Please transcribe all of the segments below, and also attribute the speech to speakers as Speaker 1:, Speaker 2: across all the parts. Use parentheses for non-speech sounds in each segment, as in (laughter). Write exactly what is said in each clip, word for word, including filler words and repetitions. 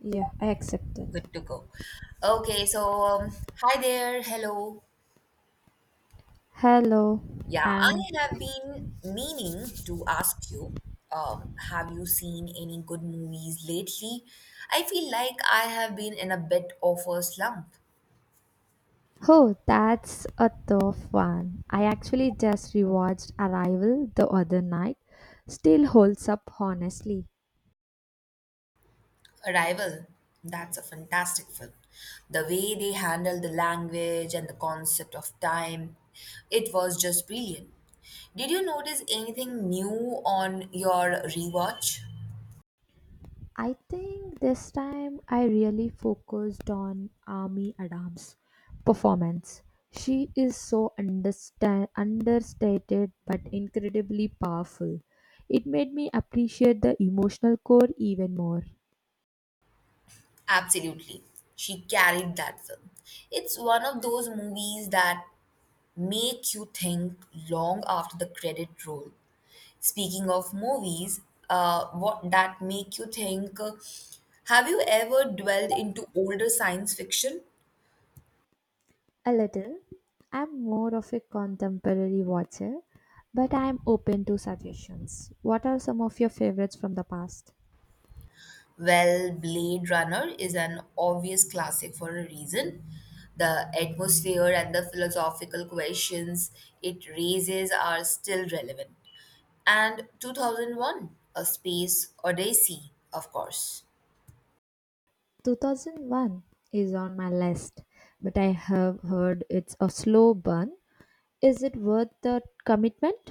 Speaker 1: Yeah, I accept that.
Speaker 2: Good to go. Okay, so um, Hi there. Hello.
Speaker 1: Hello.
Speaker 2: Yeah, I
Speaker 1: Uh,
Speaker 2: have been meaning to ask you, um, have you seen any good movies lately? I feel like I have been in a bit of a slump.
Speaker 1: oh, that's a tough one. I actually just rewatched Arrival the other night. Still holds up, honestly.
Speaker 2: Arrival, that's a fantastic film. The way they handled the language and the concept of time, it was just brilliant. Did you notice anything new on your rewatch?
Speaker 1: I think this time I really focused on Amy Adams' performance. She is so understand- understated but incredibly powerful. It made me appreciate the emotional core even more.
Speaker 2: Absolutely. She carried that film. It's one of those movies that make you think long after the credit roll. Speaking of movies, uh, what that make you think, uh, have you ever dwelled into older science fiction?
Speaker 1: A little. I'm more of a contemporary watcher, but I'm open to suggestions. What are some of your favorites from the past?
Speaker 2: Well, Blade Runner is an obvious classic for a reason. The atmosphere and the philosophical questions it raises are still relevant. And twenty oh one, A Space Odyssey, of course.
Speaker 1: two thousand one is on my list, but I have heard it's a slow burn. Is it worth the commitment?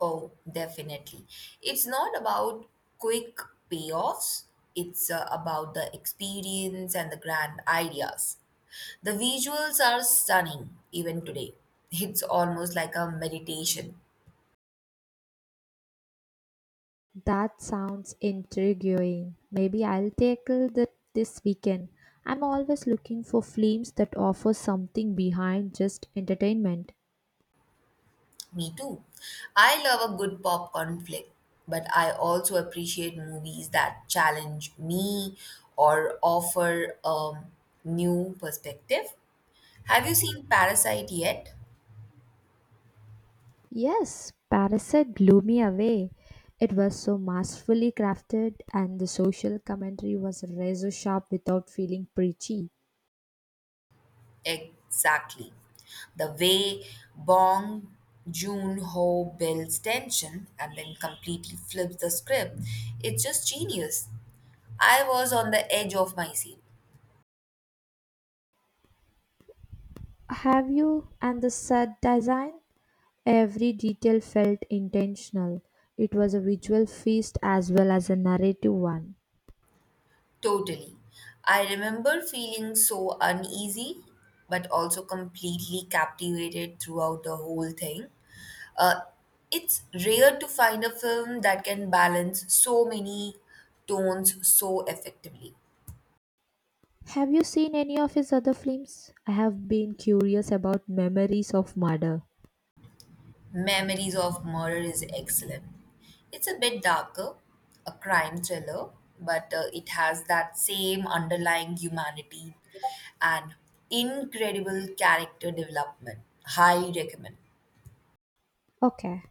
Speaker 2: Oh, definitely. It's not about quick payoffs, it's uh, about the experience and the grand ideas. The visuals are stunning even today. It's almost like a meditation.
Speaker 1: That sounds intriguing. Maybe I'll tackle that this weekend. I'm always looking for films that offer something behind just entertainment.
Speaker 2: Me too. I love a good popcorn flick, but I also appreciate movies that challenge me or offer a new perspective. Have you seen Parasite yet?
Speaker 1: Yes, Parasite blew me away. It was so masterfully crafted, and the social commentary was razor sharp without feeling preachy.
Speaker 2: Exactly. The way Bong Joon-ho builds tension and then completely flips the script, it's just genius. I was on the edge of my seat.
Speaker 1: Have you and the set design? Every detail felt intentional. It was a visual feast as well as a narrative one.
Speaker 2: Totally. I remember feeling so uneasy, but also completely captivated throughout the whole thing. Uh, it's rare to find a film that can balance so many tones so effectively.
Speaker 1: Have you seen any of his other films? I have been curious about Memories of Murder.
Speaker 2: Memories of Murder is excellent. It's a bit darker, a crime thriller, but uh, it has that same underlying humanity and incredible character development. High recommend.
Speaker 1: Okay,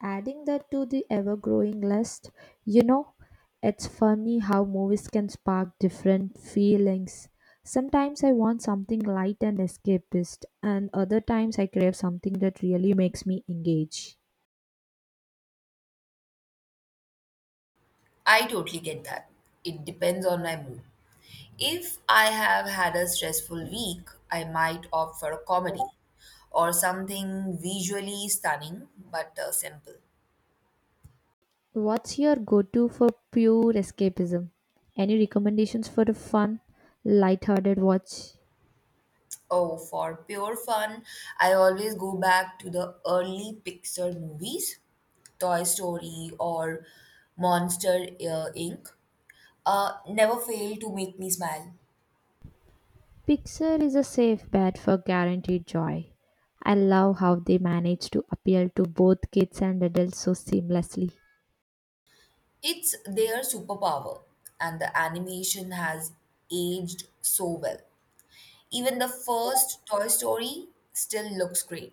Speaker 1: adding that to the ever growing list, you know, it's funny how movies can spark different feelings. Sometimes I want something light and escapist, and other times I crave something that really makes me engage.
Speaker 2: I totally get that. It depends on my mood. If I have had a stressful week, I might opt for a comedy or something visually stunning but uh, simple.
Speaker 1: What's your go to for pure escapism? Any recommendations for a fun, light hearted watch?
Speaker 2: Oh, for pure fun, I always go back to the early Pixar movies, Toy Story or Monster uh, Inc Uh, never fail to make me smile.
Speaker 1: Pixar is a safe bet for guaranteed joy. I love how they manage to appeal to both kids and adults so seamlessly.
Speaker 2: It's their superpower, and the animation has aged so well. Even the first Toy Story still looks great.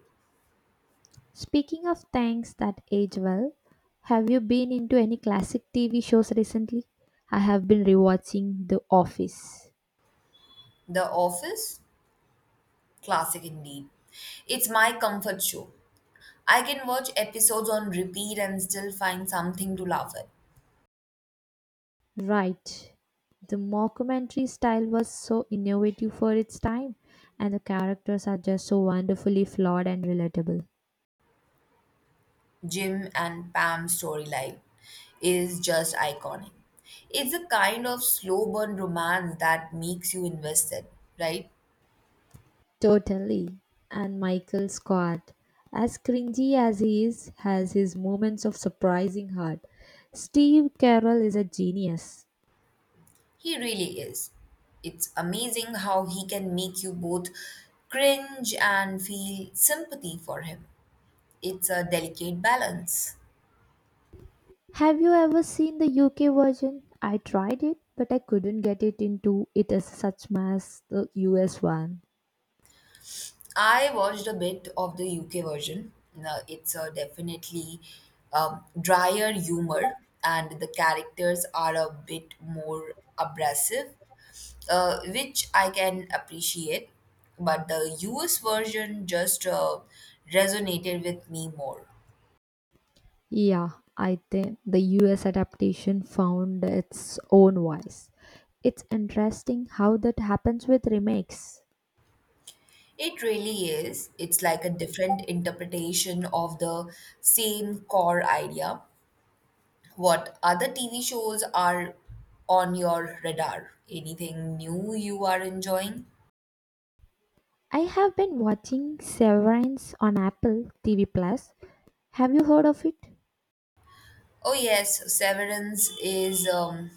Speaker 1: Speaking of things that age well, have you been into any classic T V shows recently? I have been rewatching The Office.
Speaker 2: The Office, classic indeed. It's my comfort show. I can watch episodes on repeat and still find something to laugh at.
Speaker 1: Right. The mockumentary style was so innovative for its time, and the characters are just so wonderfully flawed and relatable.
Speaker 2: Jim and Pam's storyline is just iconic. It's a kind of slow burn romance that makes you invested, right?
Speaker 1: Totally. And Michael Scott, as cringy as he is, has his moments of surprising heart. Steve Carell is a genius.
Speaker 2: He really is. It's amazing how he can make you both cringe and feel sympathy for him. It's a delicate balance.
Speaker 1: Have you ever seen the U K version? I tried it, but I couldn't get it into it as such as the U S one.
Speaker 2: I watched a bit of the U K version. Now, It's a definitely um, drier humor, and the characters are a bit more abrasive, uh, which I can appreciate. But the U S version just uh, resonated with me more.
Speaker 1: Yeah, I think the U S adaptation found its own voice. It's interesting how that happens with remakes.
Speaker 2: It really is. It's like a different interpretation of the same core idea. What other T V shows are on your radar? Anything new you are enjoying?
Speaker 1: I have been watching Severance on Apple T V Plus. Have you heard of it?
Speaker 2: Oh, yes, Severance is um,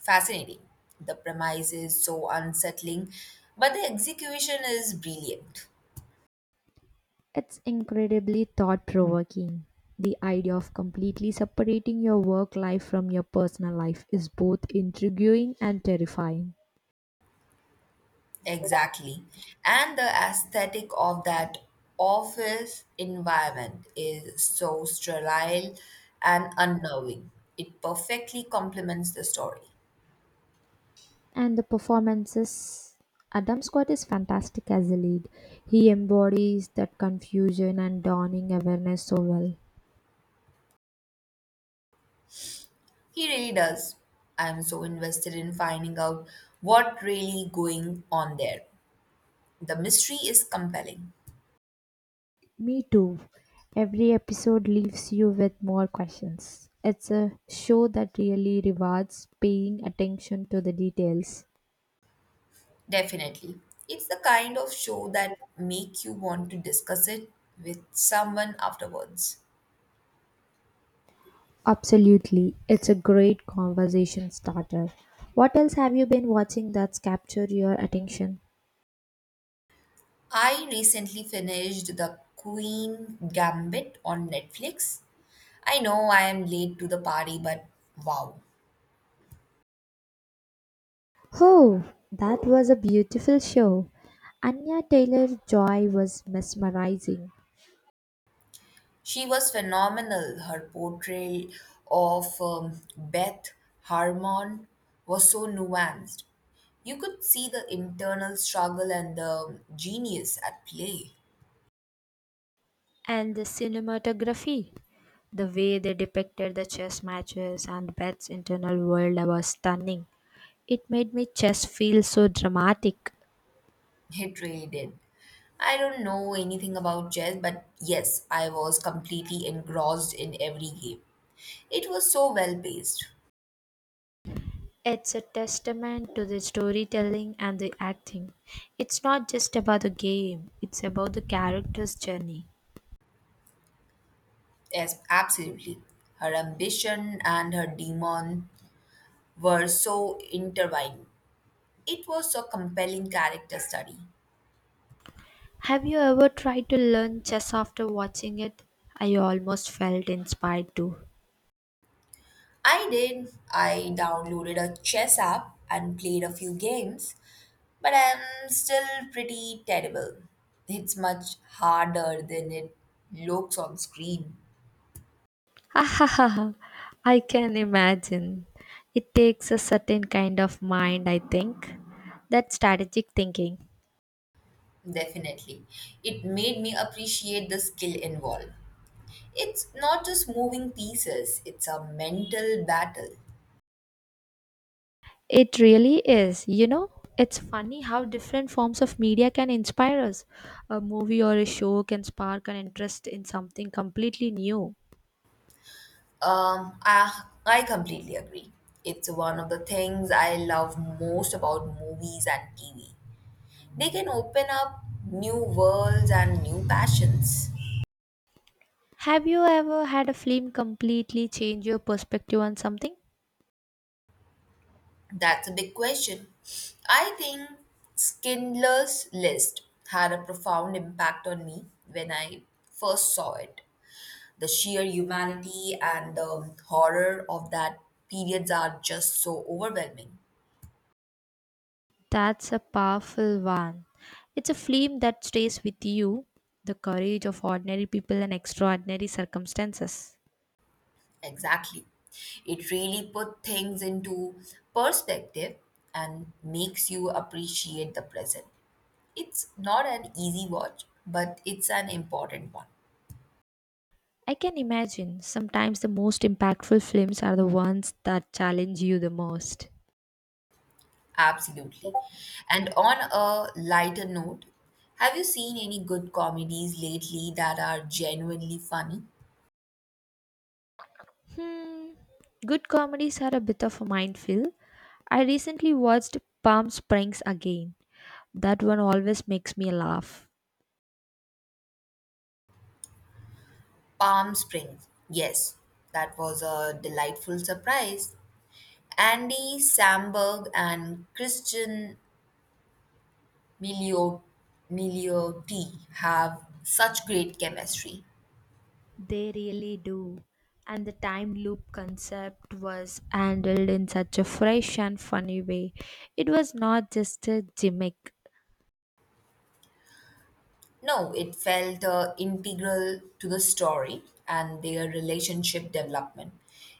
Speaker 2: fascinating. The premise is so unsettling, but the execution is brilliant.
Speaker 1: It's incredibly thought provoking. The idea of completely separating your work life from your personal life is both intriguing and terrifying.
Speaker 2: Exactly. And the aesthetic of that office environment is so sterile and unnerving. It perfectly complements the story.
Speaker 1: And the performances. Adam Scott is fantastic as a lead. He embodies that confusion and dawning awareness so well.
Speaker 2: He really does. I'm so invested in finding out what really going on there. The mystery is compelling.
Speaker 1: Me too. Every episode leaves you with more questions. It's a show that really rewards paying attention to the details.
Speaker 2: Definitely. It's the kind of show that make you want to discuss it with someone afterwards.
Speaker 1: Absolutely. It's a great conversation starter. What else have you been watching that's captured your attention?
Speaker 2: I recently finished The Queen Gambit on Netflix. I know I am late to the party, but wow.
Speaker 1: Oh, that was a beautiful show. Anya Taylor Joy was mesmerizing.
Speaker 2: She was phenomenal. Her portrayal of um, Beth Harmon was so nuanced. You could see the internal struggle and the genius at play.
Speaker 1: And the cinematography, the way they depicted the chess matches and Beth's internal world was stunning. It made me chess feel so dramatic.
Speaker 2: (laughs) It really did. I don't know anything about chess, but yes, I was completely engrossed in every game. It was so well paced.
Speaker 1: It's a testament to the storytelling and the acting. It's not just about the game, it's about the character's journey.
Speaker 2: Yes, absolutely. Her ambition and her demon were so intertwined. It was a compelling character study.
Speaker 1: Have you ever tried to learn chess after watching it? I almost felt inspired too.
Speaker 2: I did. I downloaded a chess app and played a few games, but I'm still pretty terrible. It's much harder than it looks on screen.
Speaker 1: (laughs) ha ha! Ha. I can imagine. It takes a certain kind of mind, I think. That strategic thinking.
Speaker 2: Definitely. It made me appreciate the skill involved. It's not just moving pieces, it's a mental battle.
Speaker 1: It really is. You know, it's funny how different forms of media can inspire us. A movie or a show can spark an interest in something completely new.
Speaker 2: Um, I, I completely agree. It's one of the things I love most about movies and T V. They can open up new worlds and new passions.
Speaker 1: Have you ever had a film completely change your perspective on something?
Speaker 2: That's a big question. I think Schindler's List had a profound impact on me when I first saw it. The sheer humanity and the horror of that periods are just so overwhelming.
Speaker 1: That's a powerful one. It's a film that stays with you the courage of ordinary people in extraordinary circumstances.
Speaker 2: Exactly. It really put things into perspective and makes you appreciate the present. It's not an easy watch, but it's an important one.
Speaker 1: I can imagine sometimes the most impactful films are the ones that challenge you the most.
Speaker 2: Absolutely. And on a lighter note, have you seen any good comedies lately that are genuinely funny?
Speaker 1: Hmm. Good comedies are a bit of a minefield. I recently watched Palm Springs again. That one always makes me laugh.
Speaker 2: Palm Springs. Yes, that was a delightful surprise. Andy Samberg and Christian Milioti have such great chemistry.
Speaker 1: They really do. And the time loop concept was handled in such a fresh and funny way. It was not just a gimmick.
Speaker 2: No, it felt uh, integral to the story and their relationship development.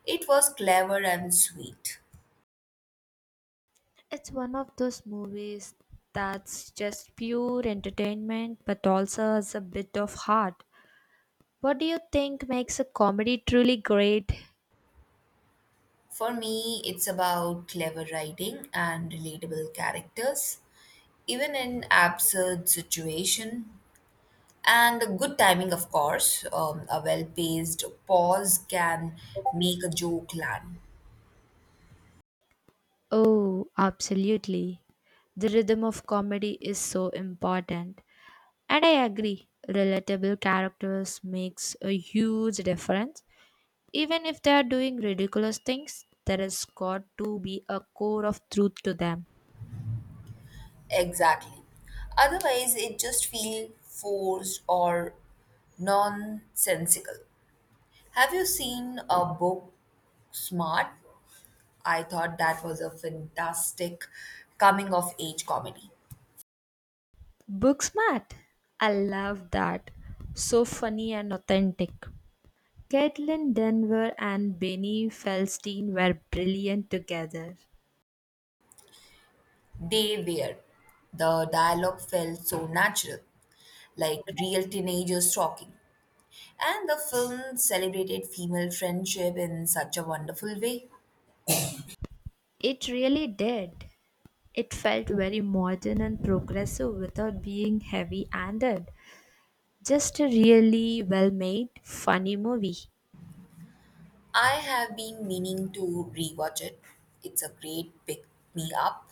Speaker 2: It was clever and sweet.
Speaker 1: It's one of those movies that's just pure entertainment but also has a bit of heart. What do you think makes a comedy truly great?
Speaker 2: For me, it's about clever writing and relatable characters, even in absurd situation, and a good timing, of course. Um, a well-paced pause can make a joke land.
Speaker 1: Oh, absolutely. The rhythm of comedy is so important. And I agree, relatable characters makes a huge difference. Even if they are doing ridiculous things, there has got to be a core of truth to them.
Speaker 2: Exactly. Otherwise, it just feels forced or nonsensical. Have you seen a book Smart? I thought that was a fantastic coming of age comedy.
Speaker 1: Book smart. I love that. So funny and authentic. Caitlin Denver and Benny Felstein were brilliant together.
Speaker 2: They were, the dialogue felt so natural, like real teenagers talking. And the film celebrated female friendship in such a wonderful way.
Speaker 1: It really did. It felt very modern and progressive without being heavy handed. Just a really well made, funny movie.
Speaker 2: I have been meaning to rewatch it. It's a great pick me up.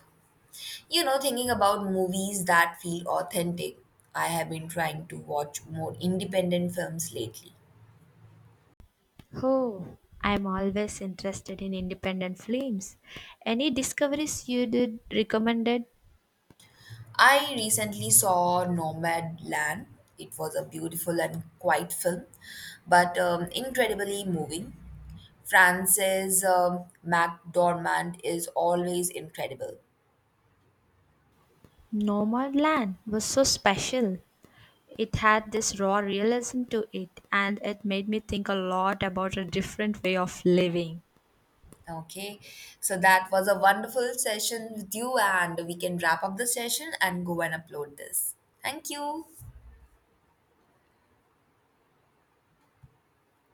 Speaker 2: You know, thinking about movies that feel authentic, I have been trying to watch more independent films lately.
Speaker 1: Oh, I'm always interested in independent films. Any discoveries you did recommended?
Speaker 2: I recently saw Nomadland. It was a beautiful and quiet film, but um, incredibly moving. Frances um, McDormand is always incredible.
Speaker 1: Land was so special. It had this raw realism to it, and it made me think a lot about a different way of living.
Speaker 2: Okay, so that was a wonderful session with you, and we can wrap up the session and go and upload this. Thank you.